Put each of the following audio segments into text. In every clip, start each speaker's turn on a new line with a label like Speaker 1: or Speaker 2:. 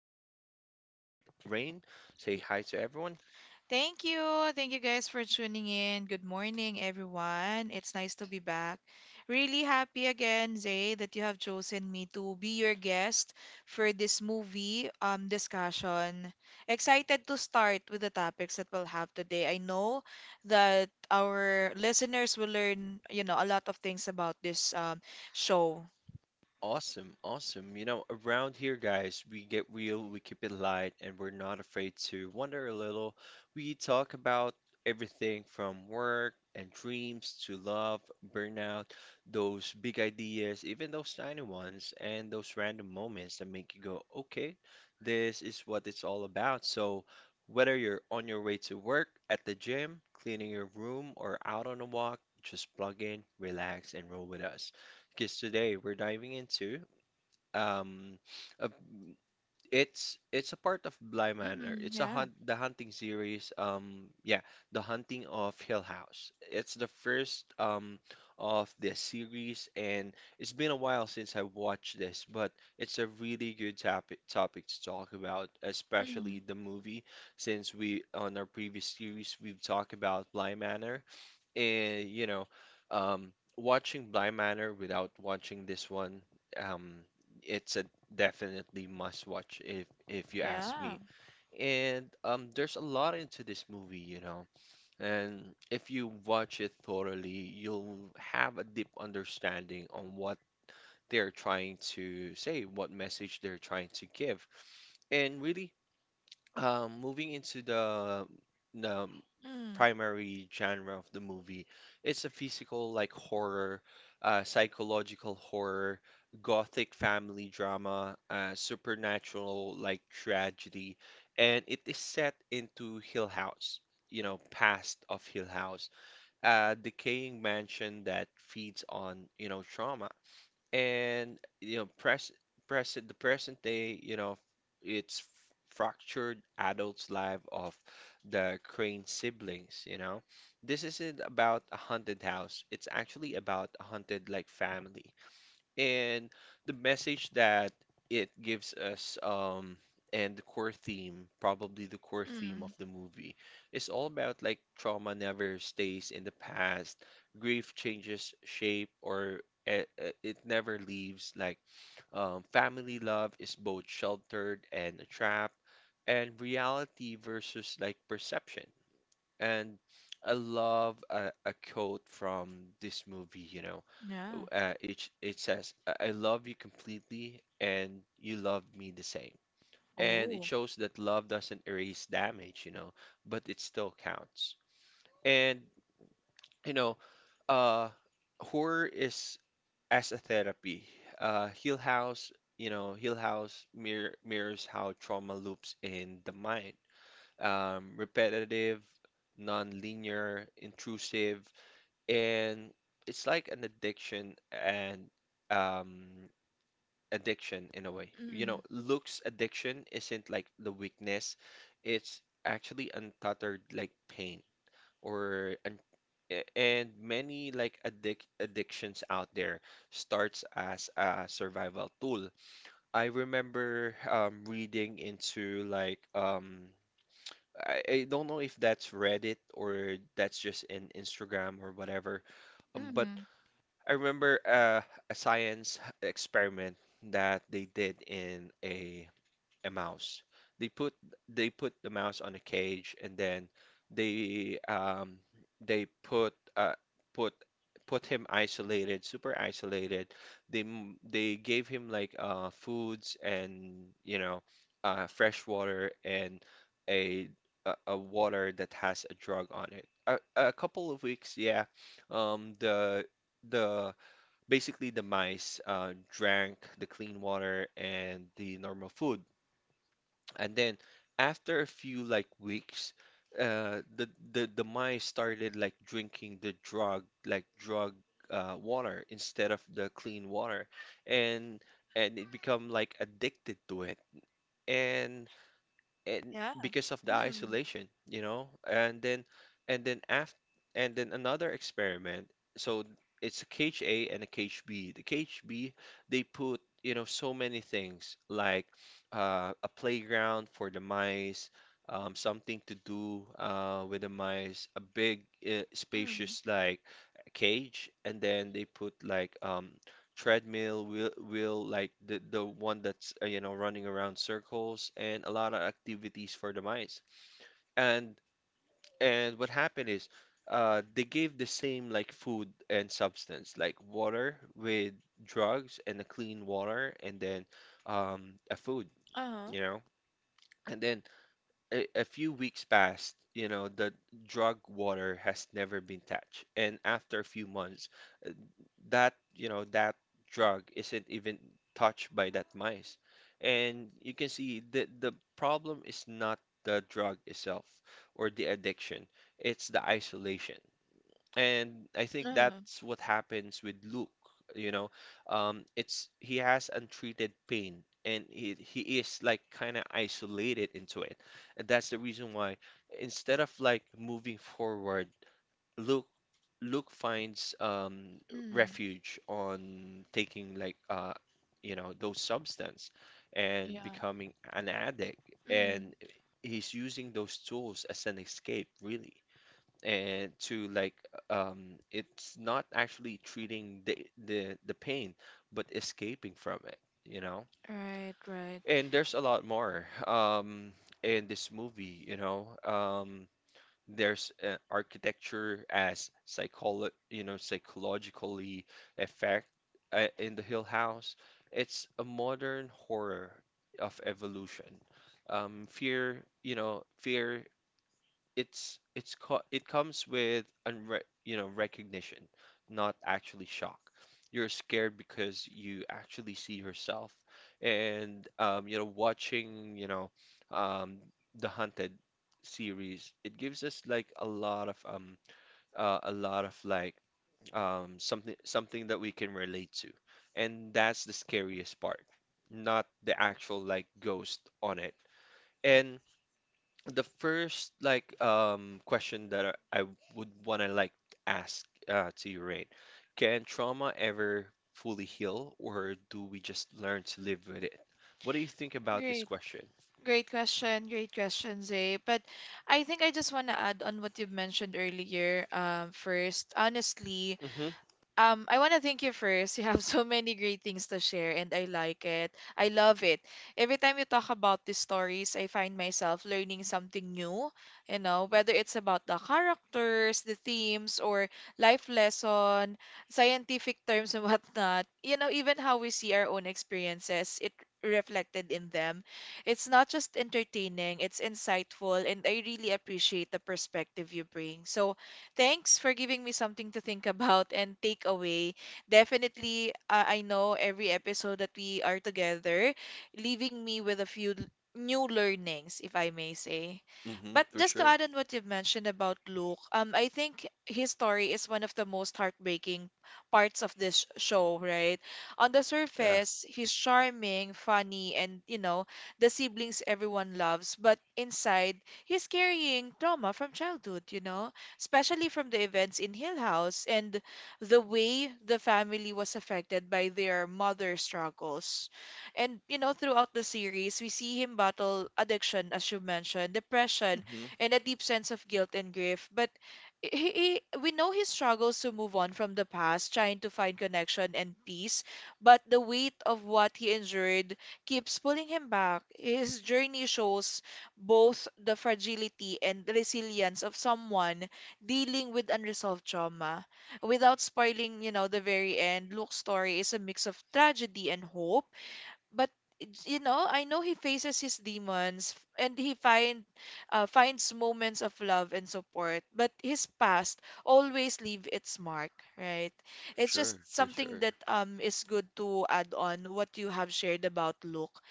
Speaker 1: co-pilot for this ride, Rain. Say
Speaker 2: Ye-
Speaker 1: hi to everyone.
Speaker 2: Thank you. Thank you guys for tuning in. Good morning, everyone. It's nice to be back. Really happy again, Zay, that you have chosen me to be your guest for this movie discussion. Excited to start with the topics that we'll have today. I know that our listeners will learn, a lot of things about this show.
Speaker 1: Awesome, awesome. You know, around here, guys, we get real, we keep it light, and we're not afraid to wonder a little. We talk about everything from work and dreams to love, burnout, those big ideas, even those tiny ones, and those random moments that make you go, okay, this is what it's all about. So, whether you're on your way to work, at the gym, cleaning your room, or out on a walk, just plug in, relax, and roll with us because today we're diving into um a, it's a part of Bly Manor.
Speaker 2: Mm,
Speaker 1: It's a
Speaker 2: yeah.
Speaker 1: hunt the hunting series yeah, The Hunting of Hill House. It's the first of this series, and it's been a while since I watched this, but it's a really good topic to talk about, especially
Speaker 2: Mm,
Speaker 1: the movie, since we on our previous series we've talked about Bly Manor and watching Blind Manor without watching this one, um, it's a definitely must watch if you ask
Speaker 2: yeah.
Speaker 1: me. And there's a lot into this movie. And if you watch it thoroughly, you'll have a deep understanding on what they're trying to say, what message they're trying to give, and really moving into the
Speaker 2: Mm,
Speaker 1: primary genre of the movie, it's a physical like horror, psychological horror, gothic family drama, supernatural like tragedy, and it is set into Hill House, past of Hill House, a decaying mansion that feeds on trauma, and you know press present the present day. It's fractured adult's life of the Crane siblings. This isn't about a haunted house, it's actually about a haunted like family. And the message that it gives us, and the core theme, probably the core theme of
Speaker 2: mm,
Speaker 1: the movie, is all about like trauma never stays in the past. Grief changes shape or it, it never leaves like family love is both sheltered and a trap, and reality versus like perception. And I love a quote from this movie.
Speaker 2: yeah.
Speaker 1: It says, "I love you completely, and you love me the same." And it
Speaker 2: Oh.
Speaker 1: shows that love doesn't erase damage, but it still counts. And you know, uh, horror is as a therapy. Hill House, Hill House mirrors how trauma loops in the mind. Repetitive, non-linear, intrusive, and it's like an addiction, and um, addiction in a way. You know,
Speaker 2: Mm,
Speaker 1: looks addiction isn't like the weakness, it's actually untethered like pain or and many like addictions out there starts as a survival tool. I remember reading into like I don't know if that's Reddit or that's just in Instagram or whatever. But
Speaker 2: mm.
Speaker 1: I remember a science experiment that they did in a mouse. They put they put the mouse on a cage, and then they um, they put uh, put put him isolated, super isolated. They gave him like foods, and fresh water, and a, a water that has a drug on it. A couple of weeks, yeah. Um, the the Basically, the mice drank the clean water and the normal food. And then after a few like weeks, the, the mice started like drinking the drug water instead of the clean water, and it become like addicted to it. And
Speaker 2: Yeah.
Speaker 1: because of the
Speaker 2: Mm.
Speaker 1: isolation, you know, and then after and then Another experiment. So it's a cage A and a cage B. The cage B, they put so many things like a playground for the mice, something to do with the mice, a big
Speaker 2: Mm.
Speaker 1: spacious like cage, and then they put like treadmill wheel like the one that's running around circles and a lot of activities for the mice. And what happened is they gave the same like food and substance like water with drugs and a clean water, and then a food
Speaker 2: Uh-huh.
Speaker 1: you know and then a few weeks passed. The drug water has never been touched, and after a few months, that you know that drug isn't even touched by that mice. And you can see the problem is not the drug itself or the addiction, it's the isolation. And I think
Speaker 2: Uh-huh.
Speaker 1: that's what happens with Luke you know it's He has untreated pain, and he is like kind of isolated into it. And that's the reason why instead of like moving forward, Luke Luke finds
Speaker 2: Mm.
Speaker 1: refuge on taking like those substance and
Speaker 2: Yeah.
Speaker 1: becoming an addict, and
Speaker 2: Mm.
Speaker 1: he's using those tools as an escape, really. And to like, it's not actually treating the pain, but escaping from it, you know.
Speaker 2: Right, right.
Speaker 1: And there's a lot more in this movie. There's architecture as psychologically effect in the Hill House. It's a modern horror of evolution. Fear, fear it comes with unre you know recognition, not actually shock. You're scared because you actually see yourself. And watching um, the Hunted series, it gives us like a lot of like something that we can relate to, and that's the scariest part, not the actual like ghost on it. The first like question that I would want to like ask to you, Rain, can trauma ever fully heal, or do we just learn to live with it? What do you think about this
Speaker 2: Great.
Speaker 1: question?
Speaker 2: Great question. Great question, Zay. But I think I just want to add on what you've mentioned earlier. First, honestly,
Speaker 1: Mm-hmm.
Speaker 2: I want to thank you first. You have so many great things to share, and I like it. I love it. Every time you talk about these stories, I find myself learning something new, you know, whether it's about the characters, the themes, or life lesson, scientific terms and whatnot. You know, even how we see our own experiences, it reflected in them. It's not just entertaining, it's insightful, and I really appreciate the perspective you bring. So, thanks for giving me something to think about and take away. Definitely, I know every episode that we are together, leaving me with a few new learnings, if I may say.
Speaker 1: Mm-hmm.
Speaker 2: But
Speaker 1: For
Speaker 2: just to
Speaker 1: sure.
Speaker 2: add on what you've mentioned about Luke, I think his story is one of the most heartbreaking parts of this show, right? On the
Speaker 1: Yeah.
Speaker 2: surface, he's charming, funny, and, you know, the siblings everyone loves. But inside, he's carrying trauma from childhood, you know? Especially from the events in Hill House and the way the family was affected by their mother's struggles. And, you know, throughout the series, we see him battle addiction, as you mentioned, depression,
Speaker 1: Mm-hmm.
Speaker 2: and a deep sense of guilt and grief. But we know he struggles to move on from the past, trying to find connection and peace, but the weight of what he endured keeps pulling him back. His journey shows both the fragility and resilience of someone dealing with unresolved trauma without spoiling, you know, the very end. Luke's story is a mix of tragedy and hope, but it's- you know, I know he faces his demons and he find finds moments of love and support, but his past always leave its mark, right? It's just
Speaker 1: Sure. For
Speaker 2: something
Speaker 1: sure.
Speaker 2: that is good to add on what you have shared about Luke.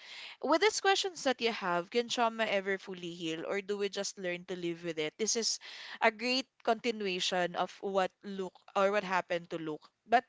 Speaker 2: With these questions that you have, can trauma ever fully heal, or do we just learn to live with it? This is a great continuation of what Luke, or what happened to Luke. But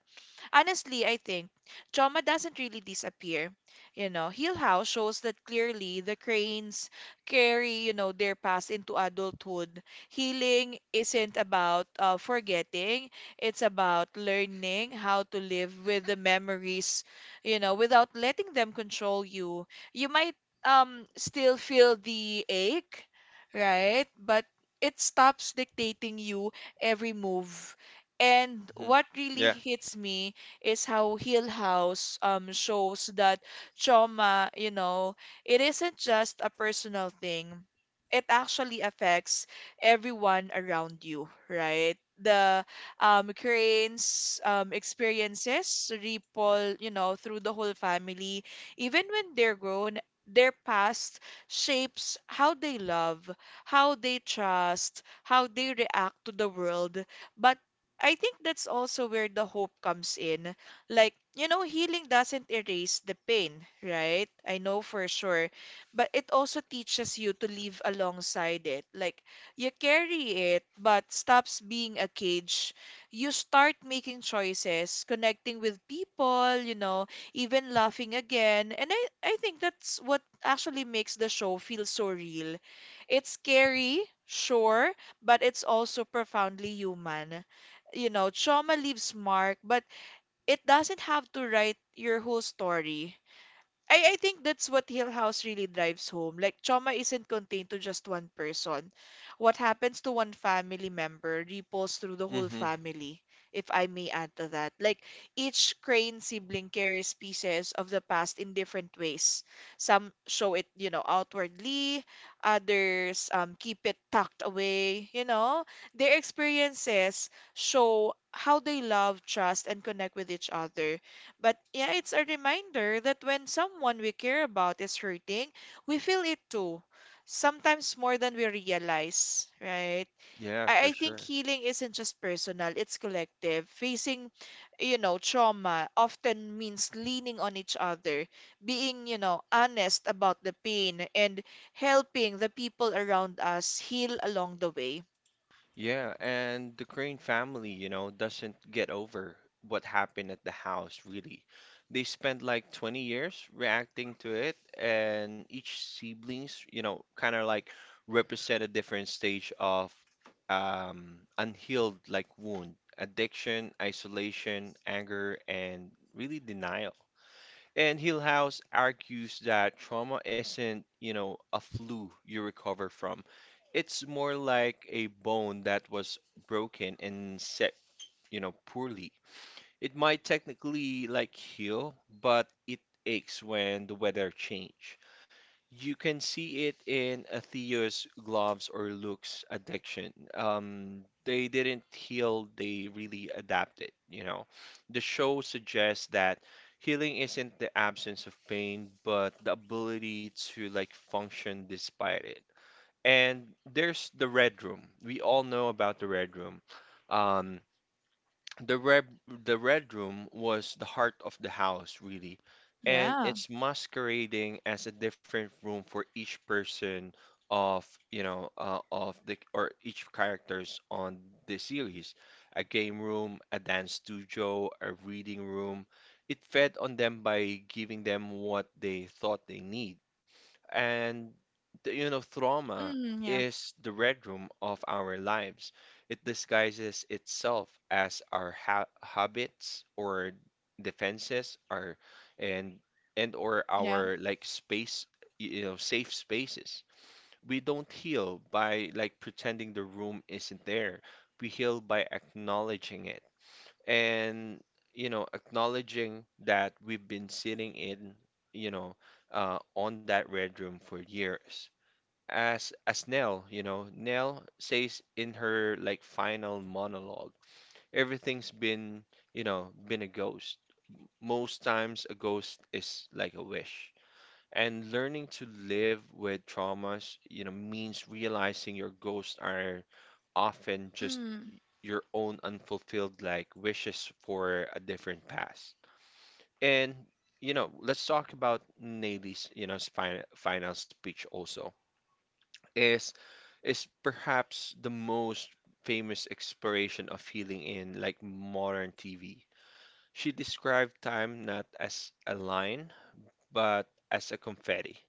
Speaker 2: honestly, I think trauma doesn't really disappear. You know, Hill House shows that clearly. The cranes carry, you know, their past into adulthood. Healing isn't about forgetting, it's about learning how to live with the memories, you know, without letting them control you. You might still feel the ache, right? But it stops dictating you every move. And
Speaker 1: Mm-hmm.
Speaker 2: what really
Speaker 1: Yeah.
Speaker 2: hits me is how Hill House shows that trauma, you know, it isn't just a personal thing. It actually affects everyone around you, right? The cranes experiences ripple, you know, through the whole family. Even when they're grown, their past shapes how they love, how they trust, how they react to the world. But I think that's also where the hope comes in. Like, you know, healing doesn't erase the pain, right? I know for sure. But it also teaches you to live alongside it. Like, you carry it, but stops being a cage. You start making choices, connecting with people, you know, even laughing again. And I think that's what actually makes the show feel so real. It's scary, sure, but it's also profoundly human. You know, trauma leaves mark, but it doesn't have to write your whole story. I think that's what Hill House really drives home. Like, trauma isn't contained to just one person. What happens to one family member ripples through the whole
Speaker 1: Mm-hmm.
Speaker 2: family, if I may add to that. Like, each Crane sibling carries pieces of the past in different ways. Some show it, you know, outwardly, others keep it tucked away, you know. Their experiences show how they love, trust, and connect with each other. But yeah, it's a reminder that when someone we care about is hurting, we feel it too, sometimes more than we realize, right?
Speaker 1: Yeah.
Speaker 2: I
Speaker 1: For
Speaker 2: think
Speaker 1: sure.
Speaker 2: healing isn't just personal, it's collective. Facing, you know, trauma often means leaning on each other, being, you know, honest about the pain, and helping the people around us heal along the way.
Speaker 1: Yeah, and the Crane family doesn't get over what happened at the house, really. They spent like 20 years reacting to it, and each siblings, kind of like represent a different stage of unhealed like wound, addiction, isolation, anger, and really denial. And Hillhouse argues that trauma isn't a flu you recover from. It's more like a bone that was broken and set poorly. It might technically like heal, but it aches when the weather change. You can see it in Athea's gloves or Luke's addiction. They didn't heal, they really adapted. The show suggests that healing isn't the absence of pain, but the ability to like function despite it. And there's the Red Room. We all know about the Red Room. Um, the red the red room was the heart of the house, really, and
Speaker 2: Yeah.
Speaker 1: it's masquerading as a different room for each person of, you know, of the or each characters on the series. A game room, a dance studio, a reading room. It fed on them by giving them what they thought they need. And trauma
Speaker 2: Mm, yeah.
Speaker 1: is the red room of our lives. It disguises itself as our ha habits or defenses, our and and or
Speaker 2: Yeah.
Speaker 1: our like space, safe spaces. We don't heal by like pretending the room isn't there. We heal by acknowledging it, and acknowledging that we've been sitting in you know on that red room for years. As Nell, Nell says in her like final monologue, everything's been you know been a ghost. Most times a ghost is like a wish, and learning to live with traumas means realizing your ghosts are often just
Speaker 2: Mm,
Speaker 1: your own unfulfilled like wishes for a different past. And let's talk about Nelly's final speech also. Is is perhaps the most famous exploration of healing in like modern TV. She described time not as a line, but as a confetti.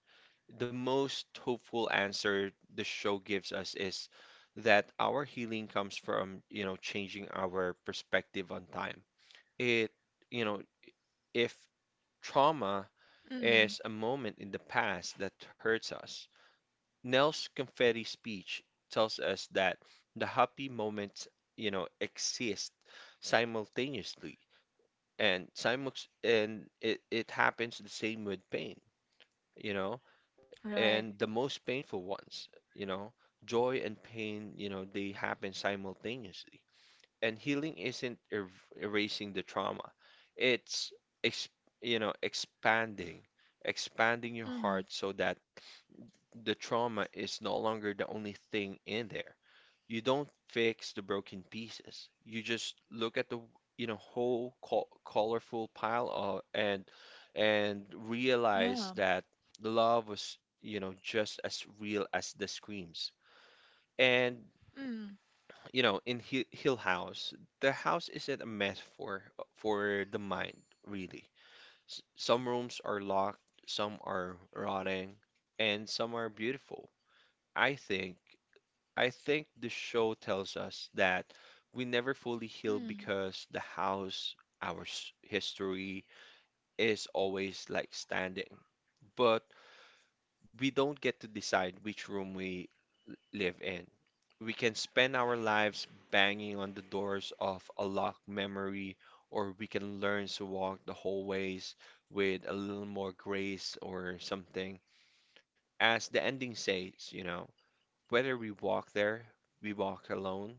Speaker 1: The most hopeful answer the show gives us is that our healing comes from changing our perspective on time. It, you know, if trauma
Speaker 2: mm,
Speaker 1: is a moment in the past that hurts us, Nels Confetti's speech tells us that the happy moments exist simultaneously, and simul and it happens the same with pain. You know,
Speaker 2: right.
Speaker 1: and the most painful ones, you know. Joy and pain, they happen simultaneously. And healing isn't erasing the trauma. It's ex you know, expanding, expanding your heart
Speaker 2: Mm,
Speaker 1: so that the trauma is no longer the only thing in there. You don't fix the broken pieces. You just look at the, whole colorful pile of, and realize
Speaker 2: yeah.
Speaker 1: that the love was, you know, just as real as the screams. And
Speaker 2: Mm,
Speaker 1: you know, in Hill House, the house isn't a metaphor for the mind, really. S Some rooms are locked, some are rotting, and some are beautiful. I think I think the show tells us that we never fully heal
Speaker 2: mm.
Speaker 1: because the house, our history, is always like standing. But we don't get to decide which room we live in. We can spend our lives banging on the doors of a locked memory, or we can learn to walk the hallways with a little more grace or something. As the ending says, you know, whether we walk there, we walk alone.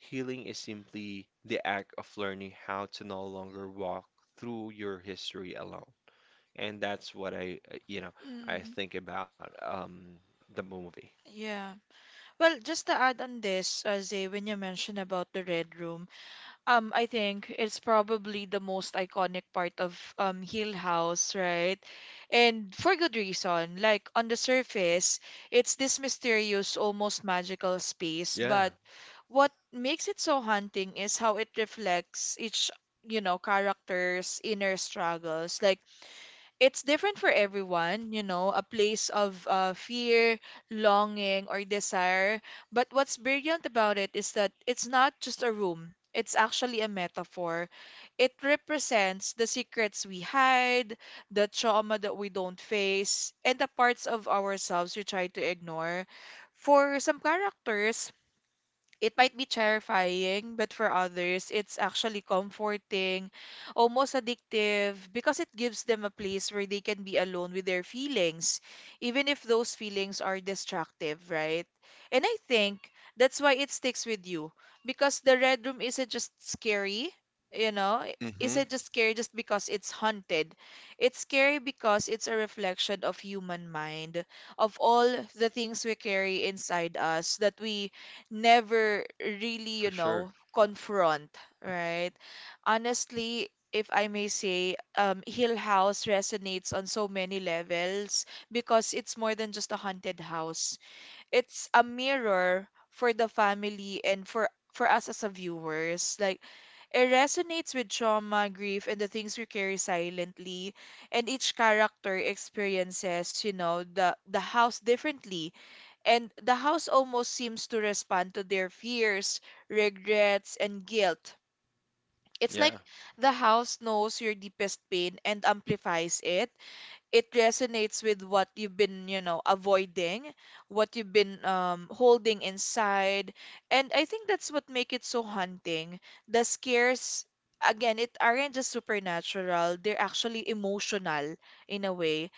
Speaker 1: Healing is simply the act of learning how to no longer walk through your history alone. And that's what I
Speaker 2: Mm,
Speaker 1: think about the movie.
Speaker 2: yeah. Well, just to add on this, Zay, when you mentioned about the Red Room, I think it's probably the most iconic part of Hill House, right? And for good reason. Like on the surface, it's this mysterious, almost magical space,
Speaker 1: Yeah.
Speaker 2: but what makes it so haunting is how it reflects each, you know, character's inner struggles. Like it's different for everyone, you know, a place of fear, longing, or desire. But what's brilliant about it is that it's not just a room, it's actually a metaphor. It represents the secrets we hide, the trauma that we don't face, and the parts of ourselves we try to ignore. For some characters, it might be terrifying, but for others, it's actually comforting, almost addictive, because it gives them a place where they can be alone with their feelings, even if those feelings are destructive, right? And I think that's why it sticks with you, because the red room isn't just scary, you know?
Speaker 1: Hmm.
Speaker 2: Isn't just scary just because it's haunted. It's scary because it's a reflection of human mind, of all the things we carry inside us that we never really,
Speaker 1: For
Speaker 2: you
Speaker 1: sure.
Speaker 2: know, confront, right? Honestly, if I may say, Hill House resonates on so many levels because it's more than just a haunted house. It's a mirror for the family and for us as a viewers. Like it resonates with trauma, grief, and the things we carry silently. And each character experiences, you know, the house differently, and the house almost seems to respond to their fears, regrets, and guilt. It's like
Speaker 1: Yeah.
Speaker 2: the house knows your deepest pain and amplifies it. It resonates with what you've been, you know, avoiding, what you've been holding inside. And I think that's what makes it so haunting. The scares, again, it aren't just supernatural, they're actually emotional. In a way,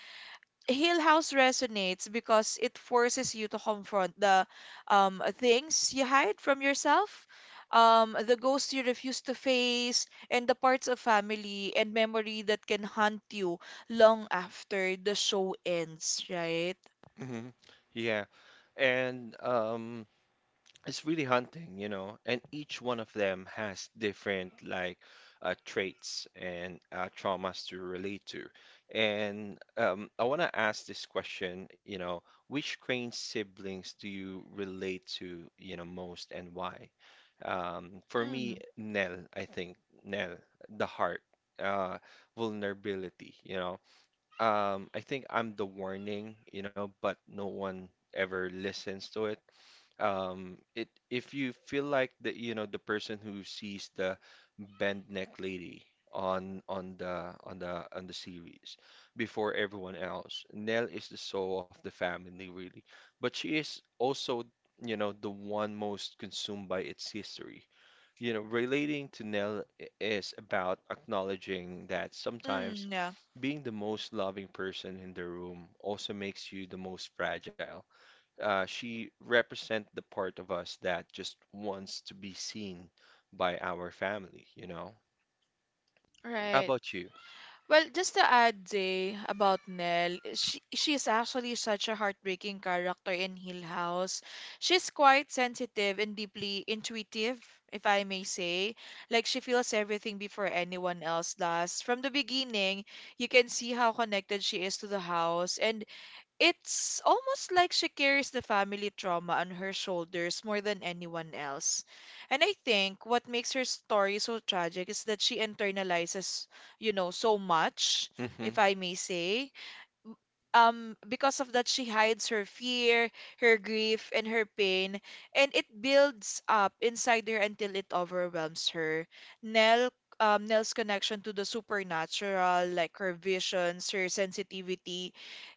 Speaker 2: Hill House resonates because it forces you to confront the things you hide from yourself, the ghosts you refuse to face, and the parts of family and memory that can haunt you long after the show ends, right?
Speaker 1: Hmm. Yeah. And it's really hunting, you know, and each one of them has different like traits and traumas to relate to. And I want to ask this question, you know, which crane siblings do you relate to, you know, most and why? For me,
Speaker 2: Mm,
Speaker 1: Nell, I think Nell, the heart, uh, vulnerability, you know. I think I'm the warning, you know, but no one ever listens to it it if you feel like the you know the person who sees the bent neck lady on the series before everyone else, Nell is the soul of the family really, but she is also you know the one most consumed by its history. You know, relating to Nell is about acknowledging that sometimes
Speaker 2: mm, yeah.
Speaker 1: being the most loving person in the room also makes you the most fragile. She represent the part of us that just wants to be seen by our family, you know? How
Speaker 2: Right.
Speaker 1: about you?
Speaker 2: Well, just to add, Zay, about Nell, she's actually such a heartbreaking character in Hill House. She's quite sensitive and deeply intuitive, if I may say. Like she feels everything before anyone else does. From the beginning, you can see how connected she is to the house, and it's almost like she carries the family trauma on her shoulders more than anyone else. And I think what makes her story so tragic is that she internalizes, you know, so much,
Speaker 1: Hmm.
Speaker 2: if I may say. Because of that, she hides her fear, her grief, and her pain, and it builds up inside her until it overwhelms her. Nell Nell's connection to the supernatural, like her visions, her sensitivity,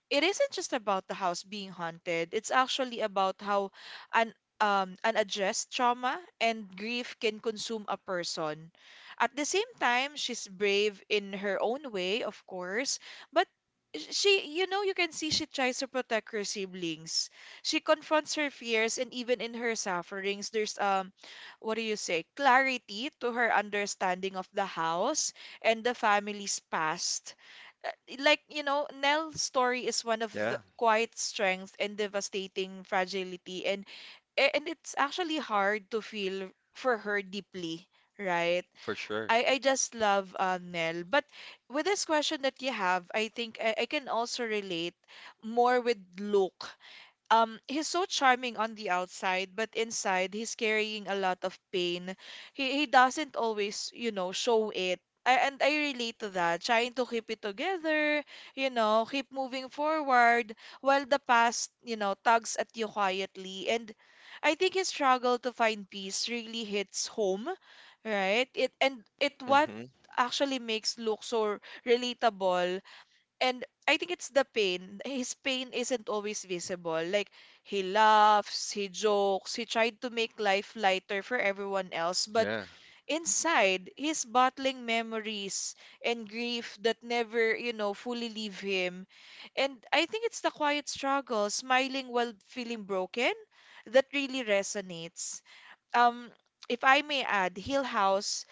Speaker 2: it isn't just about the house being haunted. It's actually about how an unaddressed trauma and grief can consume a person. At the same time, she's brave in her own way, of course, but she, you know, you can see she tries to protect her siblings. She confronts her fears, and even in her sufferings, there's what do you say, clarity to her understanding of the house and the family's past. uh, like, you know, Nell's story is one of the
Speaker 1: Yeah,
Speaker 2: quiet strength and devastating fragility, and it's actually hard to feel for her deeply, right?
Speaker 1: for sure.
Speaker 2: I just love Nell, but with this question that you have, I think I can also relate more with Luke. He's so charming on the outside, but inside he's carrying a lot of pain. He doesn't always, you know, show it. And I relate to that, trying to keep it together, you know, keep moving forward while the past, you know, tugs at you quietly. And I think his struggle to find peace really hits home, right? It and it what
Speaker 1: Mm-hmm.
Speaker 2: actually makes Luke so relatable, and I think it's the pain. His pain isn't always visible. Like, he laughs, he jokes, he tried to make life lighter for everyone else. But
Speaker 1: Yeah,
Speaker 2: inside, he's battling memories and grief that never, fully leave him. And I think it's the quiet struggle, smiling while feeling broken, that really resonates. Um, if I may add, Hill House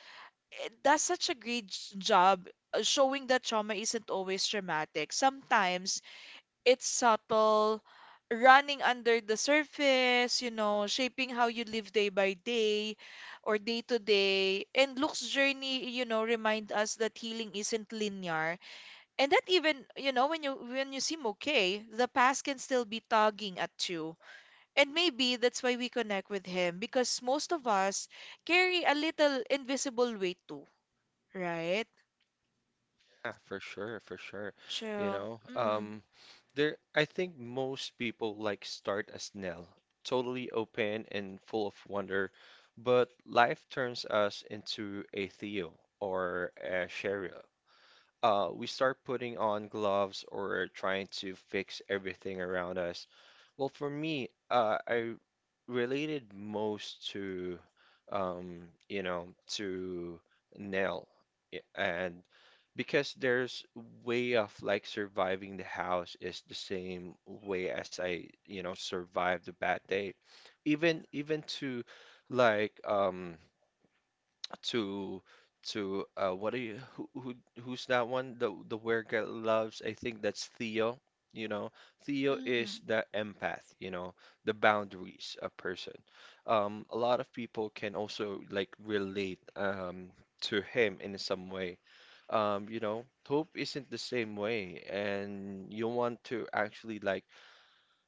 Speaker 2: that's such a great job, showing that trauma isn't always traumatic. Sometimes it's subtle, running under the surface, shaping how you live day by day or day to day. And Luke's journey, remind us that healing isn't linear. And that even, when you seem okay, the past can still be tugging at you. And maybe that's why we connect with him because most of us carry a little invisible weight too, right?
Speaker 1: yeah, for sure, for sure. You
Speaker 2: True.
Speaker 1: know,
Speaker 2: Mm,
Speaker 1: there, I think most people like start as Nell, totally open and full of wonder, but life turns us into a Theo or a Cheryl. Uh, we start putting on gloves or trying to fix everything around us. Well, for me, I related most to, you know, to nail, and because there's way of like surviving the house is the same way as I, you know, survived the bad day. Even to like to to what do you who who's that one the weird guy loves I think that's Theo you know Theo
Speaker 2: mm,
Speaker 1: is the empath you know the boundaries a person a lot of people can also like relate to him in some way you know hope isn't the same way and you want to actually like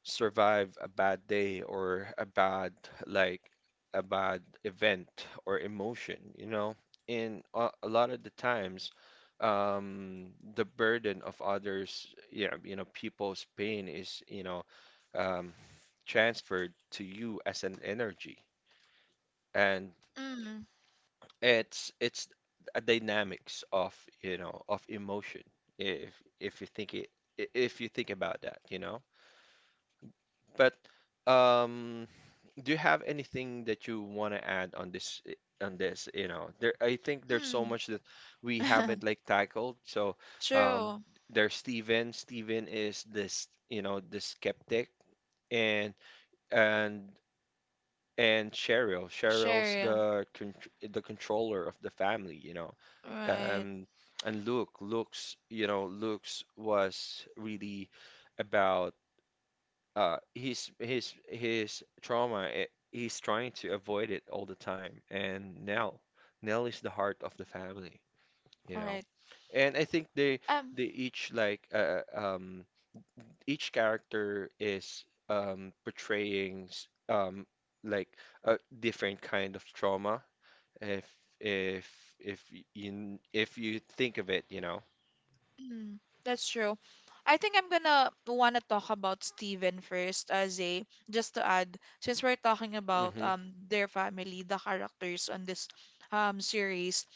Speaker 1: survive a bad day or a bad like a bad event or emotion, you know? And a lot of the times, um, the burden of others, you know, people's pain is, you know, um, transferred to you as an energy, and
Speaker 2: mm,
Speaker 1: it's a dynamics of, you know, of emotion. If if you think it, if you think about that, you know, but um. Do you have anything that you want to add on on this, you know? There I think there's so
Speaker 2: mm.
Speaker 1: much that we haven't like tackled. So, um
Speaker 2: True.
Speaker 1: there's Steven. Steven is this, you know, the skeptic and and and Cheryl. Cheryl's
Speaker 2: Cheryl.
Speaker 1: the controller of the family, you know.
Speaker 2: Right,
Speaker 1: Um and Luke, Luke's, you know, Luke's was really about he's his trauma it, he's trying to avoid it all the time and Nell Nell is the heart of the family you know
Speaker 2: right.
Speaker 1: and I think
Speaker 2: Um,
Speaker 1: they each like each character is portraying like a different kind of trauma if you if you think of it you know.
Speaker 2: mm, that's true. I think I'm gonna wanna talk about Steven first as a just to add, since we're talking about
Speaker 1: Mm-hmm.
Speaker 2: their family, the characters on this series.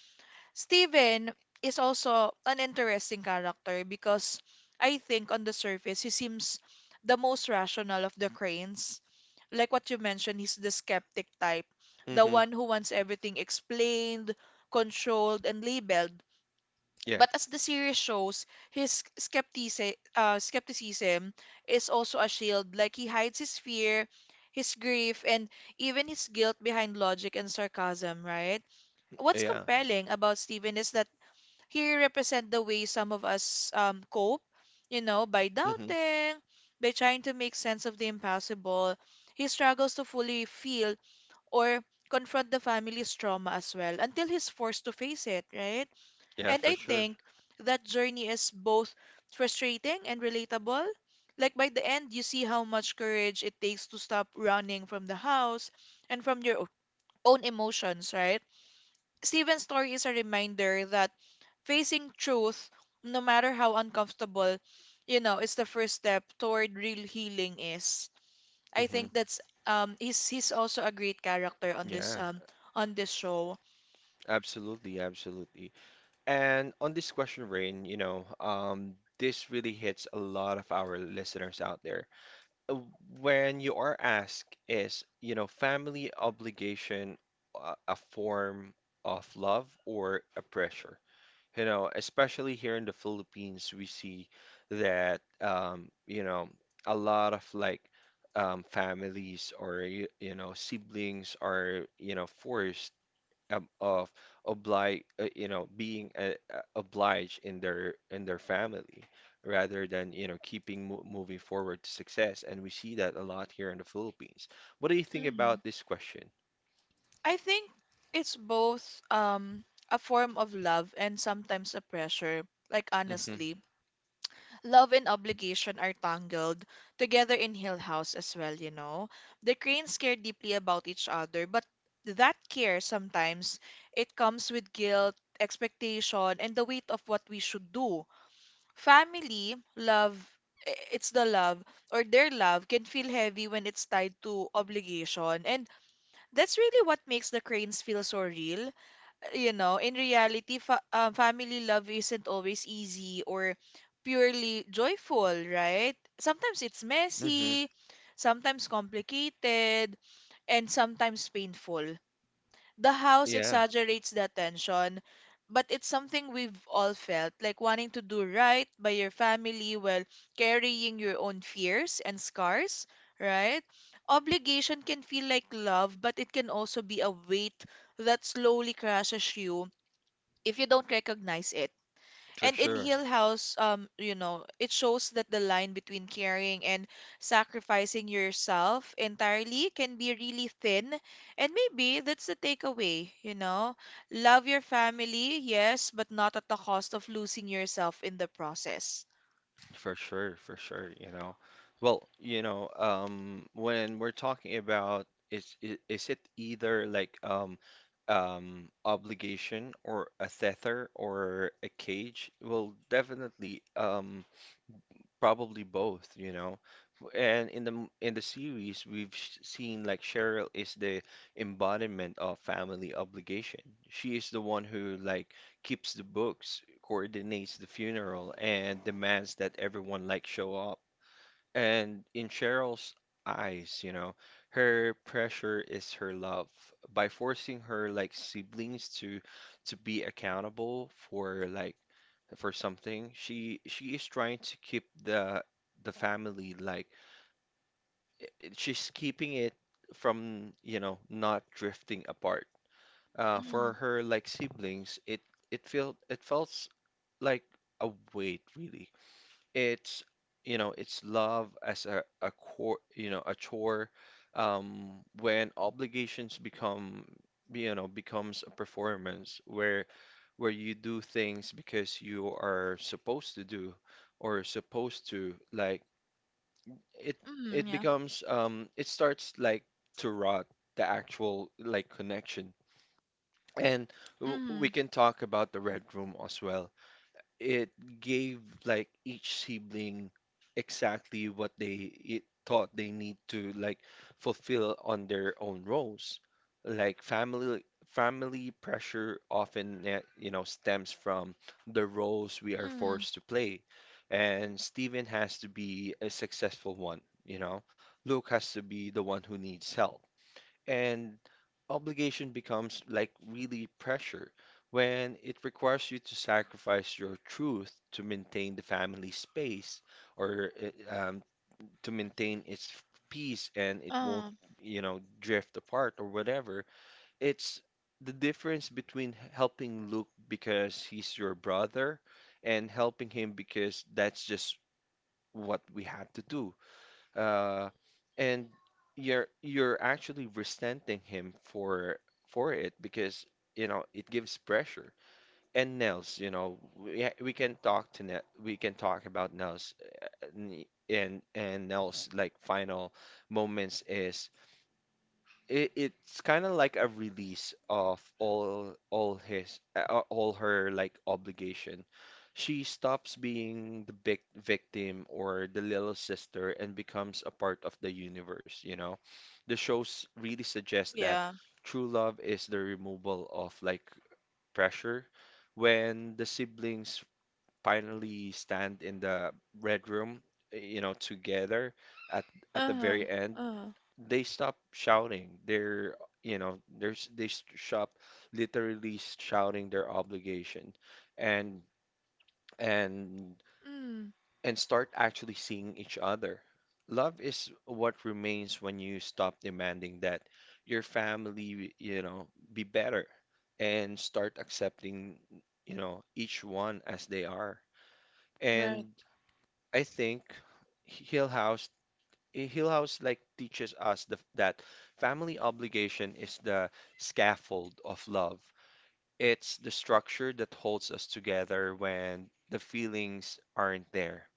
Speaker 2: Steven is also an interesting character because I think on the surface he seems the most rational of the cranes. Like what you mentioned, he's the skeptic type, the
Speaker 1: Mm-hmm.
Speaker 2: one who wants everything explained, controlled, and labeled.
Speaker 1: Yeah.
Speaker 2: But as the series shows, his skepticism is also a shield. Like he hides his fear, his grief, and even his guilt behind logic and sarcasm, right? What's
Speaker 1: Yeah.
Speaker 2: compelling about Steven is that here represent the way some of us cope, by
Speaker 1: Mm-hmm.
Speaker 2: doubting, by trying to make sense of the impossible. He struggles to fully feel or confront the family's trauma as well until he's forced to face it, right?
Speaker 1: Yeah,
Speaker 2: And
Speaker 1: for
Speaker 2: I
Speaker 1: sure.
Speaker 2: think that journey is both frustrating and relatable. Like by the end, you see how much courage it takes to stop running from the house and from your own emotions, right? Steven's story is a reminder that facing truth, no matter how uncomfortable, is the first step toward real healing is. I
Speaker 1: Hmm.
Speaker 2: think that's he's also a great character on this
Speaker 1: Yeah,
Speaker 2: on this show.
Speaker 1: absolutely, absolutely. And on this question, Rain, you know, this really hits a lot of our listeners out there. Uh, When you are asked, is, you know, family obligation a form of love or a pressure? You know, especially here in the Philippines, we see that you know, a lot of like families or you know, siblings are, you know, forced of oblige, you know, being obliged in their family rather than, you know, keeping mo moving forward to success. And we see that a lot here in the Philippines. What do you think
Speaker 2: Mhm.
Speaker 1: about this question?
Speaker 2: I think it's both a form of love and sometimes a pressure, like
Speaker 1: Hmm.
Speaker 2: honestly. Love and obligation are tangled together in Hill House as well. The cranes care deeply about each other, but that care sometimes it comes with guilt, expectation, and the weight of what we should do. Family, love, it's the love or their love can feel heavy when it's tied to obligation, and that's really what makes the cranes feel so real, in reality, fa family love isn't always easy or purely joyful, right? Sometimes it's
Speaker 1: Hmm.
Speaker 2: messy, sometimes complicated, and sometimes painful. The house
Speaker 1: Yeah,
Speaker 2: exaggerates that tension, but it's something we've all felt, like wanting to do right by your family while carrying your own fears and scars, right? Obligation can feel like love, but it can also be a weight that slowly crushes you if you don't recognize it.
Speaker 1: for
Speaker 2: And in
Speaker 1: sure.
Speaker 2: Hill House, it shows that the line between caring and sacrificing yourself entirely can be really thin. And maybe that's the takeaway. Love your family, yes, but not at the cost of losing yourself in the process.
Speaker 1: For sure, for sure, you know. Well, you know, when we're talking about is it either like um obligation or a tether or a cage? Well, definitely probably both, you know and in in the series we've seen like Cheryl is the embodiment of family obligation. She is the one who like keeps the books, coordinates the funeral, and demands that everyone like show up. And in Cheryl's eyes, you know, her pressure is her love. By forcing her like siblings to be accountable for like for something, she is trying to keep the family like she's keeping it from, you know, not drifting apart. For
Speaker 2: Mm,
Speaker 1: her, like siblings, it felt like a weight, really. It's, you know, it's love as a core, you know, a chore. When obligations become, you know, becomes a performance where you do things because you are supposed to do or supposed to like it
Speaker 2: mm,
Speaker 1: it
Speaker 2: yeah.
Speaker 1: becomes it starts like to rot the actual like connection. And we
Speaker 2: Mm,
Speaker 1: can talk about the red room as well it gave like each sibling exactly what they it thought they need to like fulfill on their own roles. Like family pressure often eh, you know stems from the roles we are
Speaker 2: mm,
Speaker 1: forced to play. And Steven has to be a successful one, you know. Luke has to be the one who needs help. And obligation becomes like really pressure when it requires you to sacrifice your truth to maintain the family space or uh, um, to maintain its peace and it won't,
Speaker 2: uh,
Speaker 1: you know, drift apart or whatever. It's the difference between helping Luke because he's your brother and helping him because that's just what we had to do uh, and you're actually resenting him for it because you know it gives pressure. And Nels, you know, we can talk to Nels, we can talk about Nels and Nels like final moments is it, it's kind of like a release of all his all her like obligation. She stops being the big victim or the little sister and becomes a part of the universe, you know. The shows really suggest that
Speaker 2: yeah.
Speaker 1: true love is the removal of like pressure when the siblings finally stand in the red room, you know, together at at the
Speaker 2: Uh,
Speaker 1: very end
Speaker 2: uh,
Speaker 1: they stop shouting. You know, there's they stop literally shouting their obligation, and and
Speaker 2: mm,
Speaker 1: and start actually seeing each other. Love is what remains when you stop demanding that your family, you know, be better and start accepting, you know, each one as they are.
Speaker 2: right.
Speaker 1: And I think Hill House Hillhouse like teaches us that family obligation is the scaffold of love. It's the structure that holds us together when the feelings aren't there.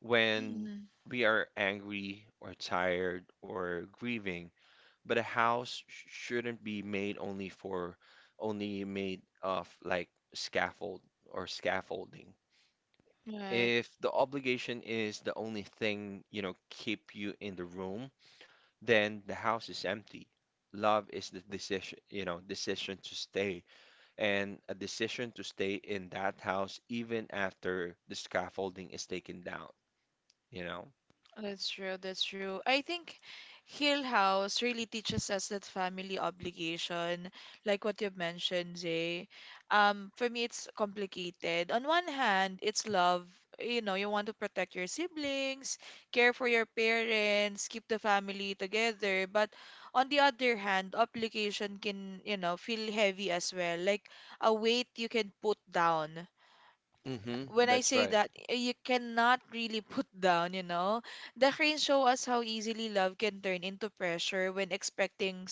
Speaker 1: When
Speaker 2: Mm,
Speaker 1: we are angry or tired or grieving, but a house shouldn't be made only made of like scaffold or scaffolding.
Speaker 2: right.
Speaker 1: If the obligation is the only thing, you know, keep you in the room, then the house is empty. Love is the decision, you know, decision to stay, and a decision to stay in that house even after the scaffolding is taken down, you know?
Speaker 2: That's true. That's true. I think Hill House really teaches us that family obligation, like what you mentioned, Jay. For me, it's complicated. On one hand, it's love. You want to protect your siblings, care for your parents, keep the family together. But on the other hand, obligation can, feel heavy as well, like a weight you can put down
Speaker 1: Hmm,
Speaker 2: when I
Speaker 1: that's
Speaker 2: say
Speaker 1: right.
Speaker 2: that, you cannot really put down. The cranes show us how easily love can turn into pressure when expecting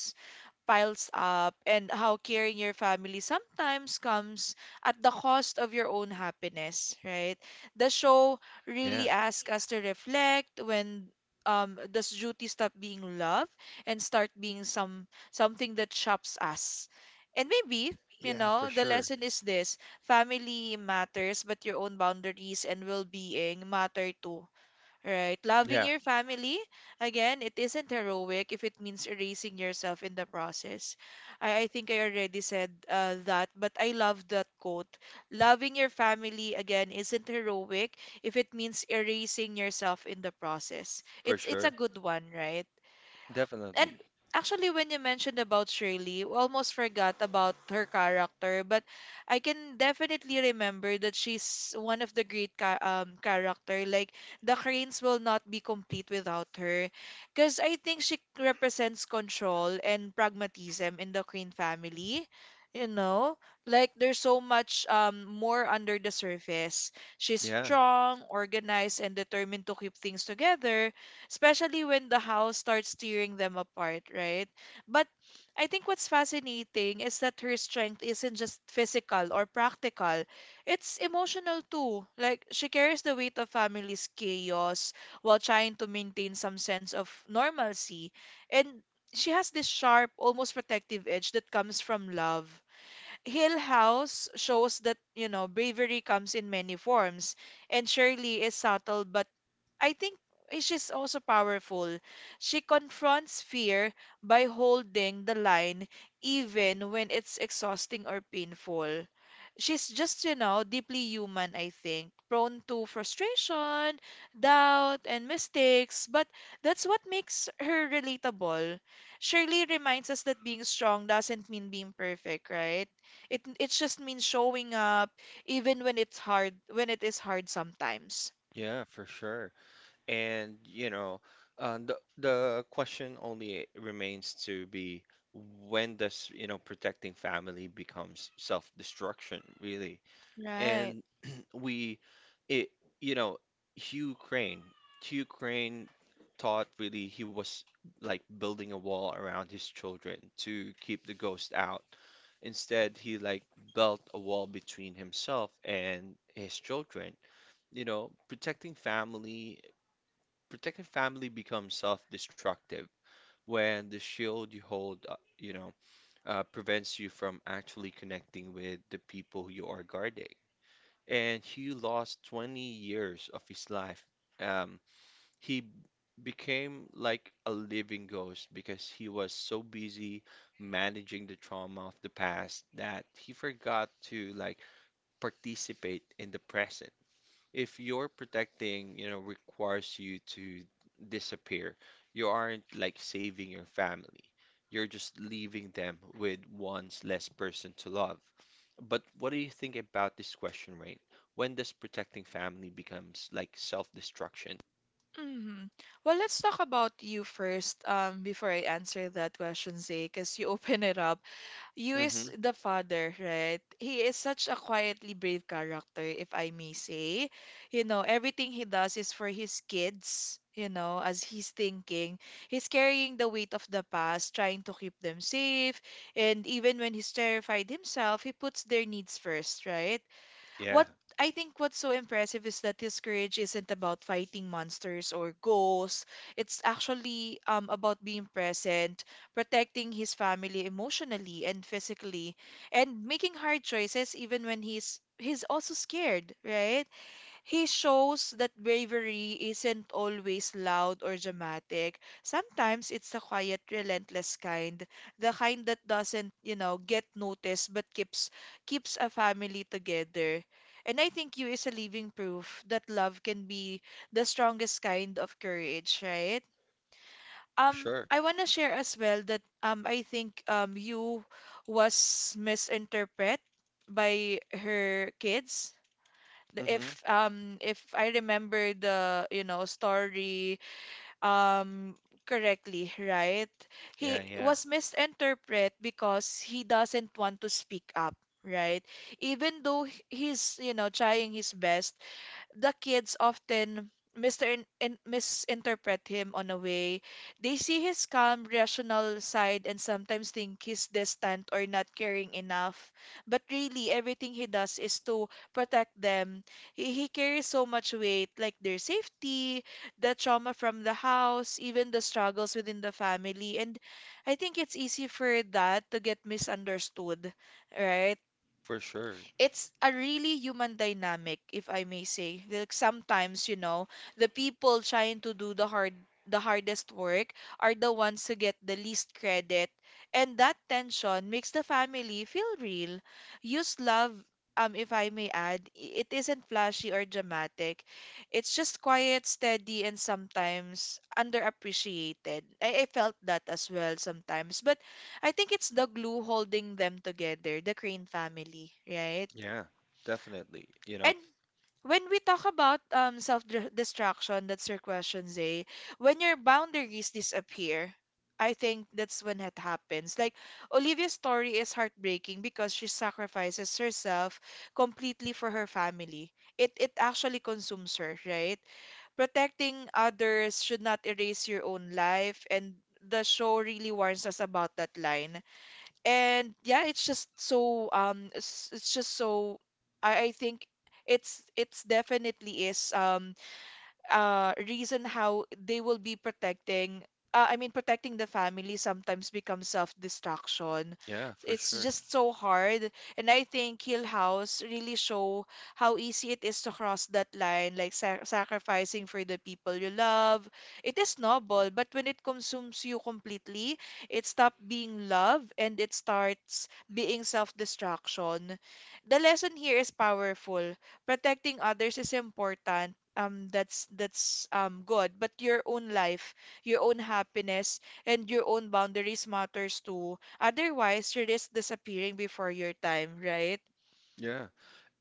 Speaker 2: piles up and how caring your family sometimes comes at the cost of your own happiness, right? The show
Speaker 1: Yeah,
Speaker 2: really asks us to reflect when does duty stop being love and start being something that shapes us. And maybe,
Speaker 1: yeah, for sure.
Speaker 2: the lesson is this: family matters, but your own boundaries and well being matter too. Right.
Speaker 1: Yeah,
Speaker 2: Loving your family, again, it isn't heroic if it means erasing yourself in the process. I think I already said, that, but I love that quote. Loving your family, again, isn't heroic if it means erasing yourself in the process.
Speaker 1: for
Speaker 2: It's
Speaker 1: sure.
Speaker 2: it's a good one, right?
Speaker 1: Definitely.
Speaker 2: And actually when you mentioned about Shirley, we almost forgot about her character, but I can definitely remember that she's one of the great ca character. Like the Cranes will not be complete without her, because I think she represents control and pragmatism in the Crane family. You know, like there's so much more under the surface. She's
Speaker 1: Yeah,
Speaker 2: strong, organized, and determined to keep things together especially when the house starts tearing them apart, right? But I think what's fascinating is that her strength isn't just physical or practical, it's emotional too. Like, she carries the weight of family's chaos while trying to maintain some sense of normalcy. And she has this sharp, almost protective edge that comes from love. Hill House shows that, bravery comes in many forms, and Shirley is subtle, but I think she's also powerful. She confronts fear by holding the line even when it's exhausting or painful. She's just, deeply human, I think, prone to frustration, doubt, and mistakes, but that's what makes her relatable. Shirley reminds us that being strong doesn't mean being perfect, right? It just means showing up even when it's hard, when it is hard sometimes.
Speaker 1: yeah, for sure. And you know, the question only remains to be when does, you know, protecting family becomes self-destruction, really?
Speaker 2: Right.
Speaker 1: And we, it, you know, Hugh Crane, Hugh Crane thought really he was like building a wall around his children to keep the ghost out. Instead, he like built a wall between himself and his children. You know, protecting family becomes self-destructive when the shield you hold, prevents you from actually connecting with the people you are guarding. And Hugh lost 20 years of his life. Um, he b- became like a living ghost because he was so busy managing the trauma of the past that he forgot to like participate in the present if your protecting, you know, requires you to disappear, you aren't like saving your family. You're just leaving them with one's less person to love. But what do you think about this question, Rain? When does protecting family becomes like self-destruction?
Speaker 2: hmm Well, let's talk about you first, before I answer that question, Zay, because you open it up. You
Speaker 1: Mm-hmm.
Speaker 2: is the father, right? He is such a quietly brave character, if I may say. Everything he does is for his kids, as he's thinking. He's carrying the weight of the past, trying to keep them safe. And even when he's terrified himself, he puts their needs first, right?
Speaker 1: Yeah,
Speaker 2: What I think what's so impressive is that his courage isn't about fighting monsters or ghosts. It's actually about being present, protecting his family emotionally and physically, and making hard choices even when he's also scared, right? He shows that bravery isn't always loud or dramatic. Sometimes it's the quiet, relentless kind, the kind that doesn't, get noticed but keeps a family together. And I think you is a living proof that love can be the strongest kind of courage, right?
Speaker 1: sure.
Speaker 2: I want to share as well that I think you was misinterpreted by her kids
Speaker 1: Mm-hmm.
Speaker 2: if I remember the story um correctly, right?
Speaker 1: Yeah,
Speaker 2: He
Speaker 1: yeah,
Speaker 2: was misinterpreted because he doesn't want to speak up, right? Even though he's trying his best, the kids often misinterpret him on a way. They see his calm, rational side and sometimes think he's distant or not caring enough. But really, everything he does is to protect them. He carries so much weight, like their safety, the trauma from the house, even the struggles within the family. And I think it's easy for that to get misunderstood, right?
Speaker 1: for sure.
Speaker 2: It's a really human dynamic, if I may say. Like sometimes, the people trying to do the hardest work are the ones who get the least credit. And that tension makes the family feel real. Use love, if I may add, it isn't flashy or dramatic. It's just quiet, steady, and sometimes underappreciated. I felt that as well sometimes. But I think it's the glue holding them together, the Crane family, right?
Speaker 1: Yeah, definitely. You know,
Speaker 2: And when we talk about self-destruction, that's your question, Zay. When your boundaries disappear, I think that's when it happens. Like Olivia's story is heartbreaking because she sacrifices herself completely for her family. It actually consumes her, right? Protecting others should not erase your own life, and the show really warns us about that line. And yeah, it's just so it's just so I think it's definitely is reason how they will be protecting, I mean protecting the family sometimes becomes self-destruction.
Speaker 1: yeah, for
Speaker 2: It's
Speaker 1: sure.
Speaker 2: just so hard. And I think Hill House really show how easy it is to cross that line, like sacrificing for the people you love. It is noble, but when it consumes you completely, it stops being love and it starts being self-destruction. The lesson here is powerful: protecting others is important. That's good, but your own life, your own happiness, and your own boundaries matters too. Otherwise, you risk disappearing before your time, right?
Speaker 1: Yeah.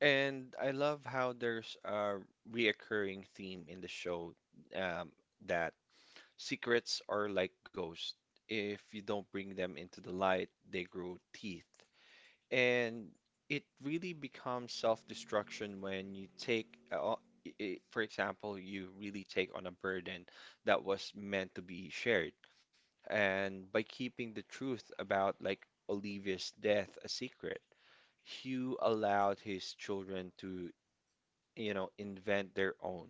Speaker 1: And I love how there's a reoccurring theme in the show, um, that secrets are like ghosts. If you don't bring them into the light, they grow teeth. And it really becomes self-destruction when you take, for example, you really take on a burden that was meant to be shared. And by keeping the truth about like Olivia's death a secret, Hugh allowed his children to, you know, invent their own,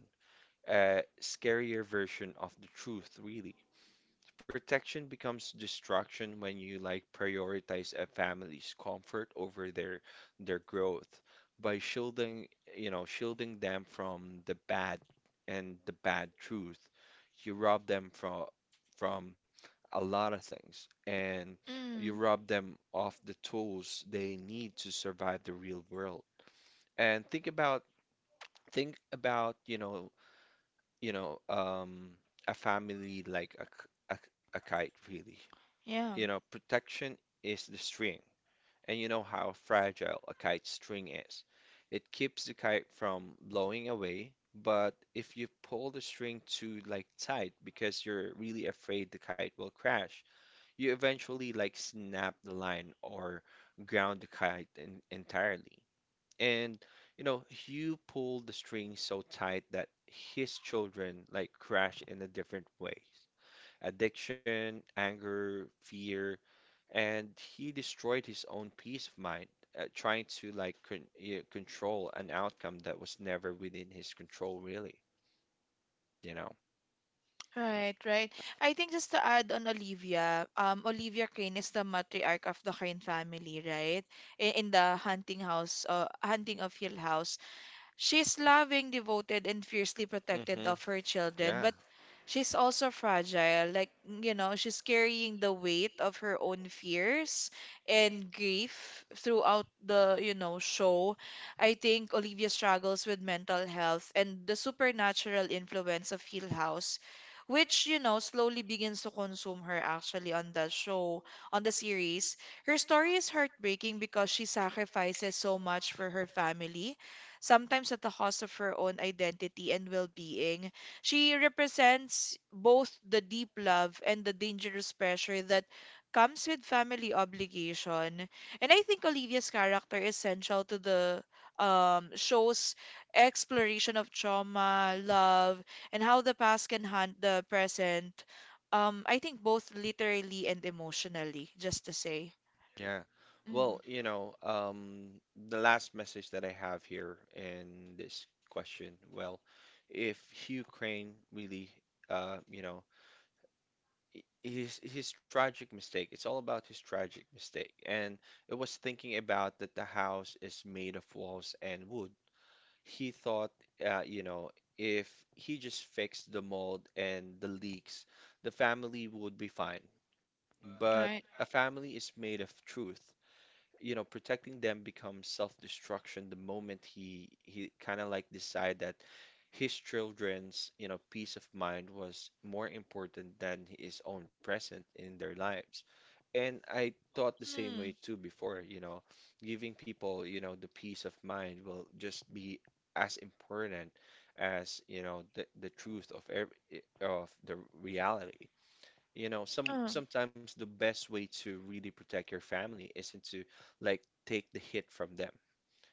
Speaker 1: scarier version of the truth, really. Protection becomes destruction when you like prioritize a family's comfort over their growth by shielding, you know, shielding them from the bad and the bad truth. You rob them from a lot of things, and you
Speaker 2: Mm,
Speaker 1: rob them of the tools they need to survive the real world. And think about, you know, a family like a kite, really.
Speaker 2: yeah.
Speaker 1: You know, protection is the string, and you know how fragile a kite string is. It keeps the kite from blowing away, but if you pull the string too like tight because you're really afraid the kite will crash, you eventually like snap the line or ground the kite in, entirely. And you know, Hugh pulled the string so tight that his children like crashed in a different ways. Addiction, anger, fear, and he destroyed his own peace of mind, trying to like control an outcome that was never within his control, really, you know.
Speaker 2: Right, right. I think just to add on Olivia, Olivia Crane is the matriarch of the Crane family, right? In the Hunting House, Hunting of Hill House. She's loving, devoted, and fiercely protected
Speaker 1: Hmm.
Speaker 2: of her children,
Speaker 1: Yeah.
Speaker 2: but she's also fragile. Like, you know, she's carrying the weight of her own fears and grief throughout the, show. I think Olivia struggles with mental health and the supernatural influence of Hill House, which, you know, slowly begins to consume her actually on the show, on the series. Her story is heartbreaking because she sacrifices so much for her family sometimes at the cost of her own identity and well being. She represents both the deep love and the dangerous pressure that comes with family obligation. And I think Olivia's character is central to the show's exploration of trauma, love, and how the past can haunt the present. I think both literally and emotionally, just to say.
Speaker 1: Yeah. Well,
Speaker 2: Mm.
Speaker 1: you know, the last message that I have here in this question, well, if Ukraine really, you know, his tragic mistake, it's all about his tragic mistake, and it was thinking about that the house is made of walls and wood. He thought, you know, if he just fixed the mold and the leaks, the family would be fine. But
Speaker 2: All right.
Speaker 1: a family is made of truth. You know, protecting them becomes self-destruction the moment he kind of like decide that his children's, you know, peace of mind was more important than his own present in their lives. And I thought the same way
Speaker 2: Mm,
Speaker 1: too before, you know, giving people, you know, the peace of mind will just be as important as, you know, the truth of every of the reality. You know,
Speaker 2: uh,
Speaker 1: sometimes the best way to really protect your family isn't to like take the hit from them.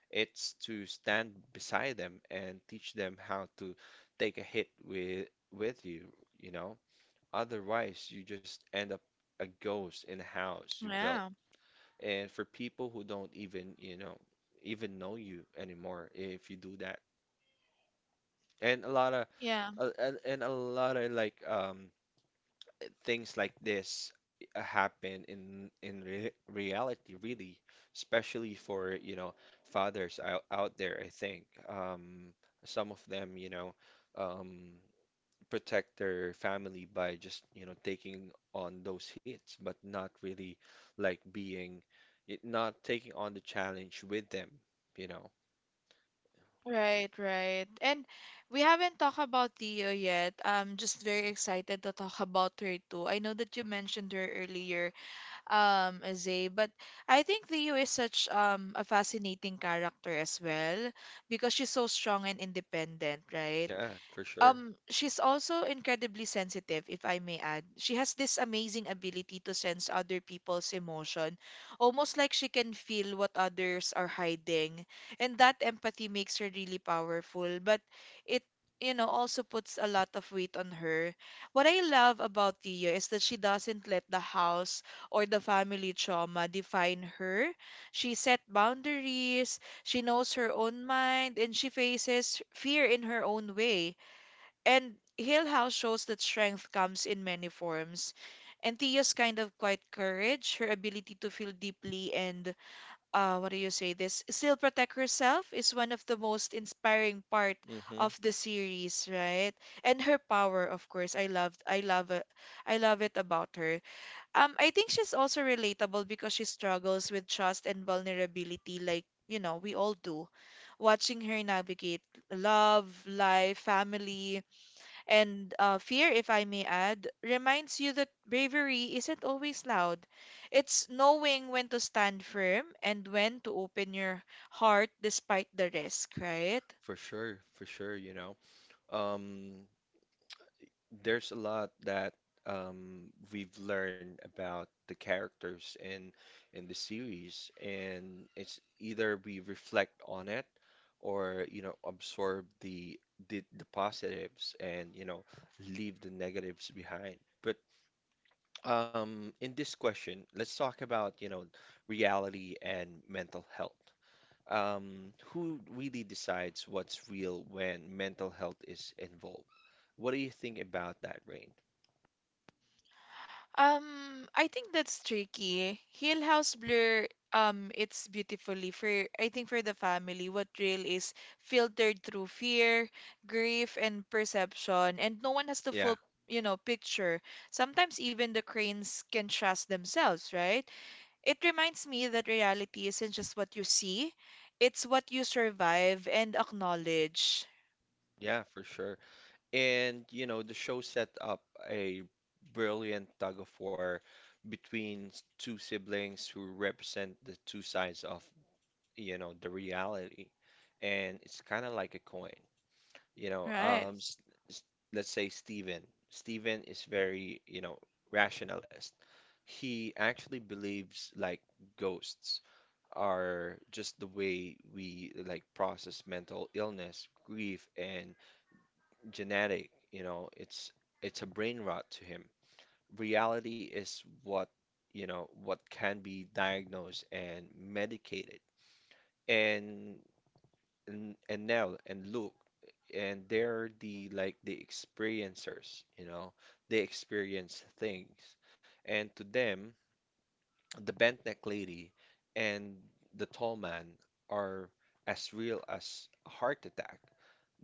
Speaker 1: It's to stand beside them and teach them how to take a hit with you, you know. Otherwise, you just end up a ghost in a house you built.
Speaker 2: yeah.
Speaker 1: And for people who don't even, you know, even know you anymore if you do that. And a lot of,
Speaker 2: Yeah,
Speaker 1: and a lot of like, things like this happen in re reality, really, especially for, you know, fathers out there, I think. Some of them, you know, um, protect their family by just, you know, taking on those hits, but not really like being, it, not taking on the challenge with them, you know.
Speaker 2: right, right. And we haven't talked about Theo yet. I'm just very excited to talk about her too. I know that you mentioned her earlier, Zay, but I think Leo is such a fascinating character as well because she's so strong and independent, right?
Speaker 1: Yeah, for sure.
Speaker 2: She's also incredibly sensitive, if I may add. She has this amazing ability to sense other people's emotion, almost like she can feel what others are hiding. And that empathy makes her really powerful, but it, you know, also puts a lot of weight on her. What I love about Tia is that she doesn't let the house or the family trauma define her. She set boundaries, she knows her own mind, and she faces fear in her own way. And Hill House shows that strength comes in many forms. And Tia's kind of quiet courage, her ability to feel deeply and, what do you say this, still protect herself is one of the most inspiring part
Speaker 1: Hmm.
Speaker 2: of the series, right? And her power, of course, I love it about her. I think she's also relatable because she struggles with trust and vulnerability, like, you know, we all do. Watching her navigate love, life, family, and fear, if I may add, reminds you that bravery isn't always loud. It's knowing when to stand firm and when to open your heart despite the risk, right?
Speaker 1: For sure, you know. Um, there's a lot that, we've learned about the characters in the series, and it's either we reflect on it or you know absorb the positives and you know leave the negatives behind. But in this question, let's talk about you know reality and mental health. Who really decides what's real when mental health is involved? What do you think about that, Rain?
Speaker 2: I think that's tricky. Hill House Blur, it's beautifully for I think for the family, what real is filtered through fear, grief, and perception, and no one has the
Speaker 1: Yeah,
Speaker 2: full, you know, picture. Sometimes even the cranes can trust themselves, right? It reminds me that reality isn't just what you see, it's what you survive and acknowledge.
Speaker 1: yeah, for sure. And, you know, the show set up a brilliant tug of war between two siblings who represent the two sides of, you know, the reality. And it's kind of like a coin, you know.
Speaker 2: Right.
Speaker 1: S- let's say Steven. Steven is very, you know, rationalist. He actually believes like ghosts are just the way we like process mental illness, grief, and genetic, you know, it's a brain rot to him. Reality is what, you know, what can be diagnosed and medicated. And Nell and Luke, and they're the like the experiencers, you know, they experience things. And to them, the bent neck lady and the tall man are as real as a heart attack.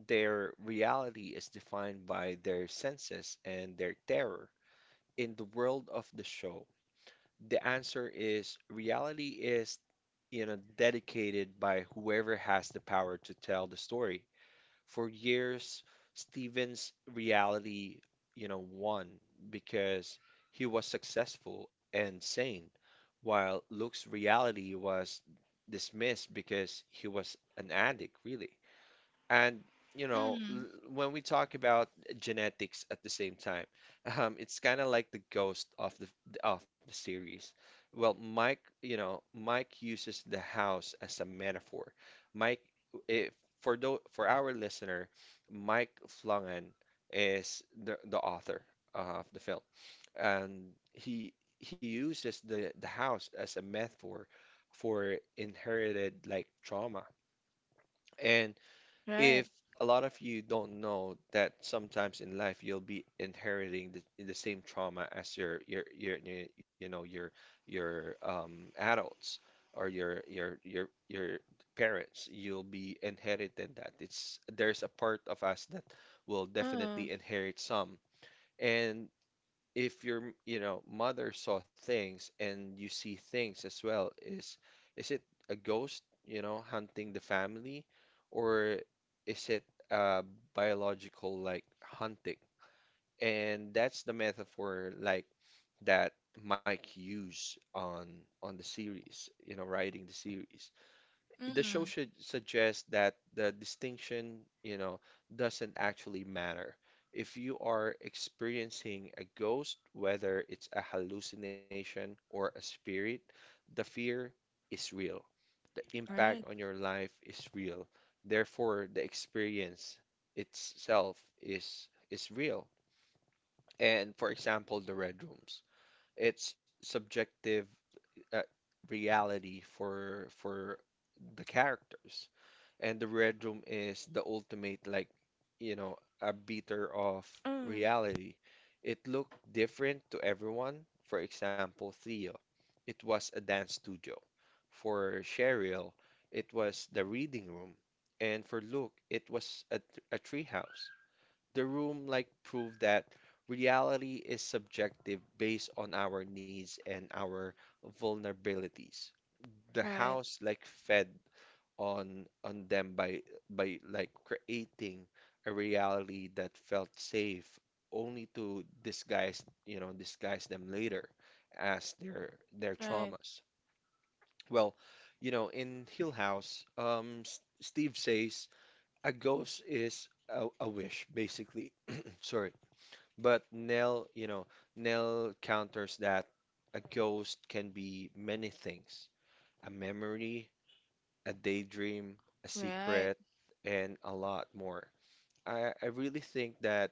Speaker 1: Their reality is defined by their senses and their terror. In the world of the show, the answer is reality is, you know, dedicated by whoever has the power to tell the story. For years, Steven's reality, you know, won because he was successful and sane, while Luke's reality was dismissed because he was an addict, really. And you know,
Speaker 2: Mm,
Speaker 1: when we talk about genetics at the same time, it's kind of like the ghost of the series. Well, Mike, you know, Mike uses the house as a metaphor. Mike, if, for our listener, Mike Flanagan is the author of the film, and he uses the house as a metaphor for inherited like trauma. And
Speaker 2: right.
Speaker 1: if a lot of you don't know that sometimes in life you'll be inheriting the same trauma as your you know your adults or your parents, you'll be inherited that it's there's a part of us that will
Speaker 2: Uh,
Speaker 1: definitely inherit some. And if your, you know, mother saw things and you see things as well, is it a ghost, you know, hunting the family, or is it uh, biological like hunting? And that's the metaphor like that Mike used on the series, you know, writing the series. The show
Speaker 2: mm,
Speaker 1: should suggest that the distinction, you know, doesn't actually matter. If you are experiencing a ghost, whether it's a hallucination or a spirit, the fear is real. The impact on
Speaker 2: right.
Speaker 1: your life is real. Therefore, the experience itself is real. And for example, the red rooms, it's subjective, uh, reality for the characters, and the red room is the ultimate like, you know, a beater of
Speaker 2: Mm.
Speaker 1: reality. It looked different to everyone. For example, Theo, it was a dance studio. For Cheryl, it was the reading room. And for Luke, it was a, a treehouse. The room like proved that reality is subjective based on our needs and our vulnerabilities. The
Speaker 2: Right,
Speaker 1: house like fed on them by like creating a reality that felt safe, only to disguise, you know, disguise them later as their
Speaker 2: right,
Speaker 1: traumas. Well, you know, in Hill House, S Steve says a ghost is a wish, basically. Sorry. But Nell, you know, Nell counters that a ghost can be many things: a memory, a daydream, a
Speaker 2: right,
Speaker 1: secret, and a lot more. I really think that,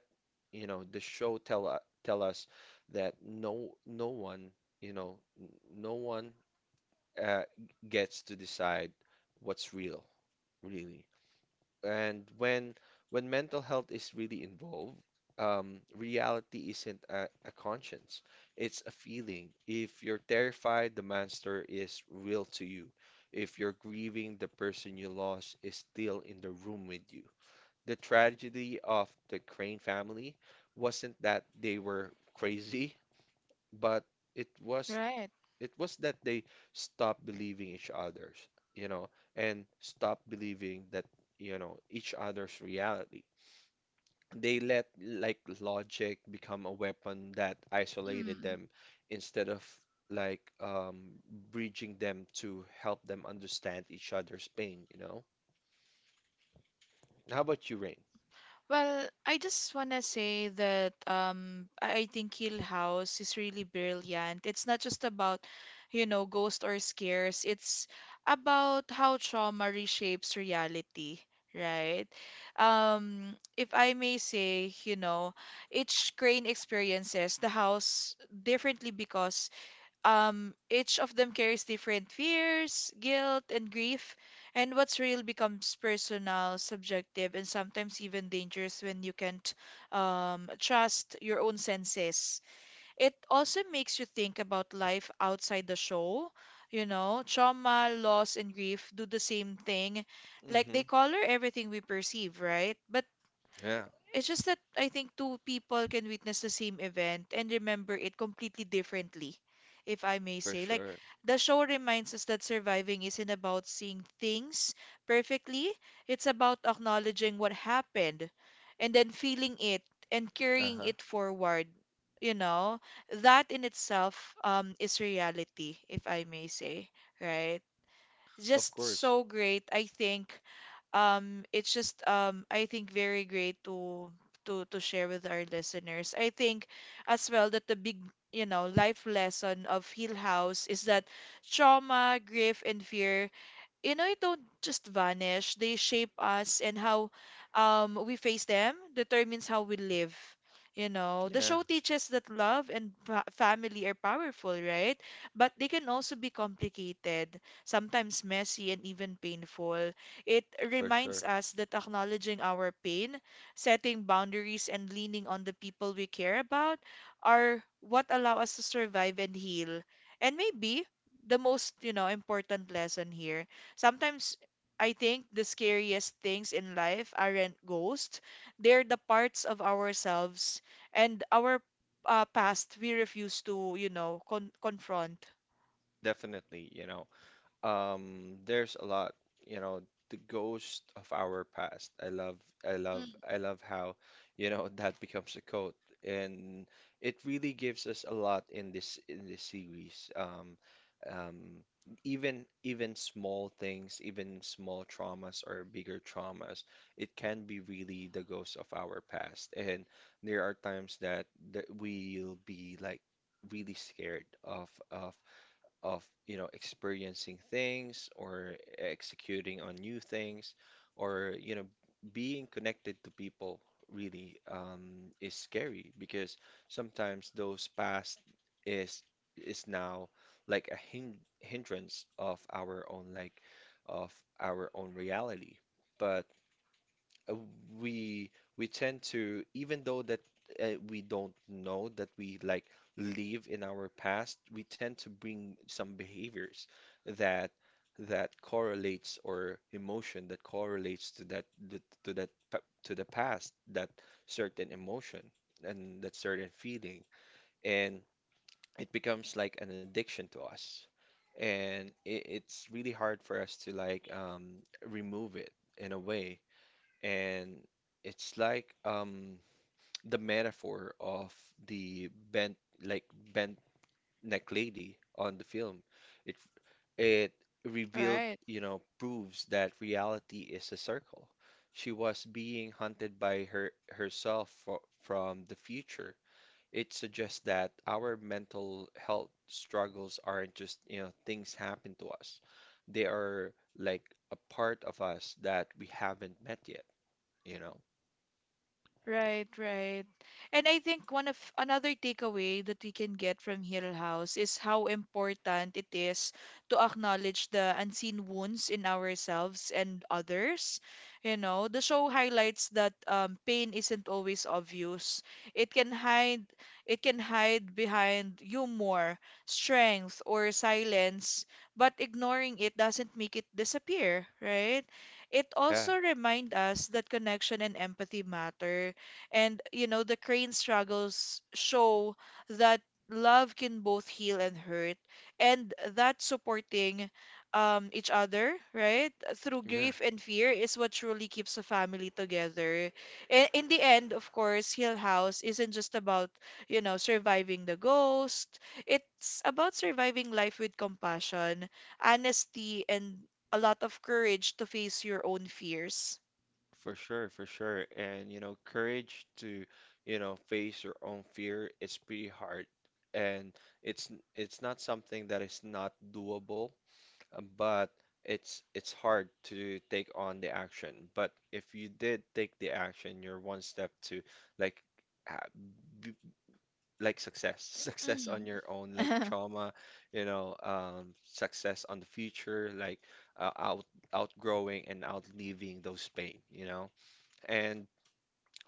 Speaker 1: you know, the show tell us that no one, you know, no one, uh, gets to decide what's real, really. And when mental health is really involved, reality isn't a conscience. It's a feeling. If you're terrified, the monster is real to you. If you're grieving, the person you lost is still in the room with you. The tragedy of the Crane family wasn't that they were crazy, but it was
Speaker 2: right.
Speaker 1: it was that they stopped believing each other's, you know, and stopped believing that, you know, each other's reality. They let like logic become a weapon that isolated
Speaker 2: Hmm.
Speaker 1: them instead of like, bridging them to help them understand each other's pain, you know? How about you, Rain?
Speaker 2: Well, I just wanna say that I think Hill House is really brilliant. It's not just about, you know, ghosts or scares. It's about how trauma reshapes reality, right? If I may say, you know, each crane experiences the house differently because each of them carries different fears, guilt, and grief, and what's real becomes personal, subjective, and sometimes even dangerous when you can't trust your own senses. It also makes you think about life outside the show. You know, trauma, loss, and grief do the same thing. Like
Speaker 1: Hmm.
Speaker 2: they color everything we perceive, right? But
Speaker 1: Yeah,
Speaker 2: it's just that I think two people can witness the same event and remember it completely differently, if I may
Speaker 1: for
Speaker 2: say. Like,
Speaker 1: sure.
Speaker 2: the show reminds us that surviving isn't about seeing things perfectly, it's about acknowledging what happened and then feeling it and carrying
Speaker 1: Uh-huh.
Speaker 2: it forward. You know, that in itself is reality, if I may say, right?
Speaker 1: Of
Speaker 2: Just
Speaker 1: course.
Speaker 2: so great. I think it's just I think very great to to share with our listeners. I think as well that the big, you know, life lesson of Hill House is that trauma, grief, and fear, you know, it don't just vanish. They shape us and how we face them determines how we live. You know, the
Speaker 1: Yeah,
Speaker 2: show teaches that love and family are powerful, right? But they can also be complicated, sometimes messy and even painful. It
Speaker 1: for sure.
Speaker 2: reminds us that acknowledging our pain, setting boundaries, and leaning on the people we care about are what allow us to survive and heal. And maybe the most, you know, important lesson here. Sometimes I think the scariest things in life aren't ghosts, they're the parts of ourselves and our past we refuse to, you know, confront.
Speaker 1: Definitely, you know. There's a lot, you know, the ghost of our past.
Speaker 2: Mm.
Speaker 1: I love how, you know, that becomes a quote, and it really gives us a lot in this series. Um, Even small things, even small traumas or bigger traumas, it can be really the ghost of our past. And there are times that we'll be like really scared of you know experiencing things or executing on new things or you know being connected to people, really, is scary because sometimes those past is is now like a hindrance of our own like of our own reality. But uh, we we tend to, even though that, we don't know that we like live in our past, we tend to bring some behaviors that that correlates, or emotion that correlates to that the, to that pa- to the past, that certain emotion and that certain feeling, and it becomes like an addiction to us, and it's really hard for us to like, remove it in a way. And it's like, the metaphor of the bent like bent neck lady on the film. It it revealed,
Speaker 2: Right.
Speaker 1: you know, proves that reality is a circle. She was being hunted by herself from the future. It suggests that our mental health struggles aren't just, you know, things happen to us. They are like a part of us that we haven't met yet, you know.
Speaker 2: Right, right. And I think one of another takeaway that we can get from Hill House is how important it is to acknowledge the unseen wounds in ourselves and others. You know, the show highlights that pain isn't always obvious. It can hide, it can hide behind humor, strength, or silence, but ignoring it doesn't make it disappear, right? It
Speaker 1: Yeah,
Speaker 2: also reminds us that connection and empathy matter and, you know, the crane struggles show that love can both heal and hurt, and that supporting each other, right, through
Speaker 1: yeah,
Speaker 2: grief and fear is what truly keeps a family together. And in the end, of course, Hill House isn't just about, you know, surviving the ghost, it's about surviving life with compassion, honesty, and a lot of courage to face your own fears.
Speaker 1: for sure, for sure. And, you know, courage to, you know, face your own fear, it's pretty hard. And it's not something that is not doable, but it's hard to take on the action. But if you did take the action, you're one step to like like success success on
Speaker 2: Mm.
Speaker 1: your own like trauma, you know, success on the future like, uh, out outgrowing and outliving those pain, you know. And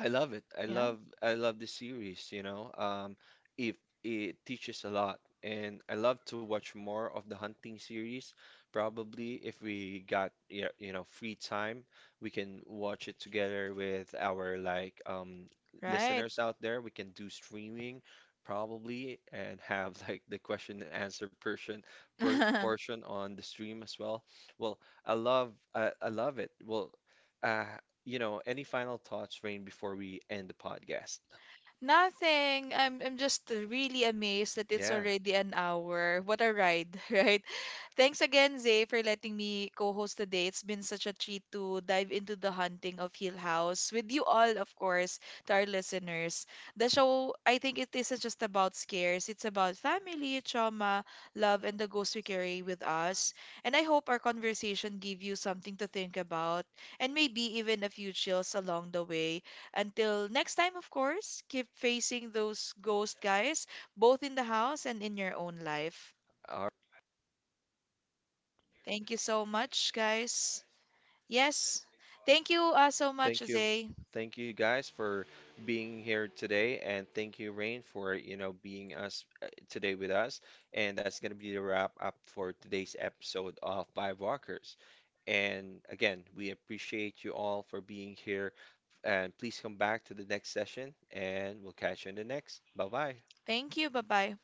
Speaker 1: I love it.
Speaker 2: Yeah.
Speaker 1: I love the series, you know. If it teaches a lot, and I love to watch more of the hunting series. Probably if we got yeah, you know, free time, we can watch it together with our like,
Speaker 2: Right.
Speaker 1: listeners out there. We can do streaming probably and have like the question and answer portion, portion on the stream as well. Well, I love it. Well, uh, you know, any final thoughts, Rain, before we end the podcast?
Speaker 2: Nothing. I'm just really amazed that it's
Speaker 1: Yeah.
Speaker 2: already an hour. What a ride, right? Thanks again, Zay, for letting me co-host today. It's been such a treat to dive into the haunting of Hill House with you all, of course, to our listeners. The show, I think it isn't just about scares. It's about family, trauma, love, and the ghosts we carry with us. And I hope our conversation gave you something to think about and maybe even a few chills along the way. Until next time, of course, keep facing those ghosts, guys, both in the house and in your own life.
Speaker 1: All right.
Speaker 2: Thank you so much, guys. Yes. Thank you so much,
Speaker 1: Thank you.
Speaker 2: Zay.
Speaker 1: Thank you guys for being here today, and thank you, Rain, for you know being us, today with us. And that's gonna be the wrap up for today's episode of Vibe Walkers. And again, we appreciate you all for being here. And please come back to the next session, and we'll catch you in the next. Bye bye.
Speaker 2: Thank you. Bye bye.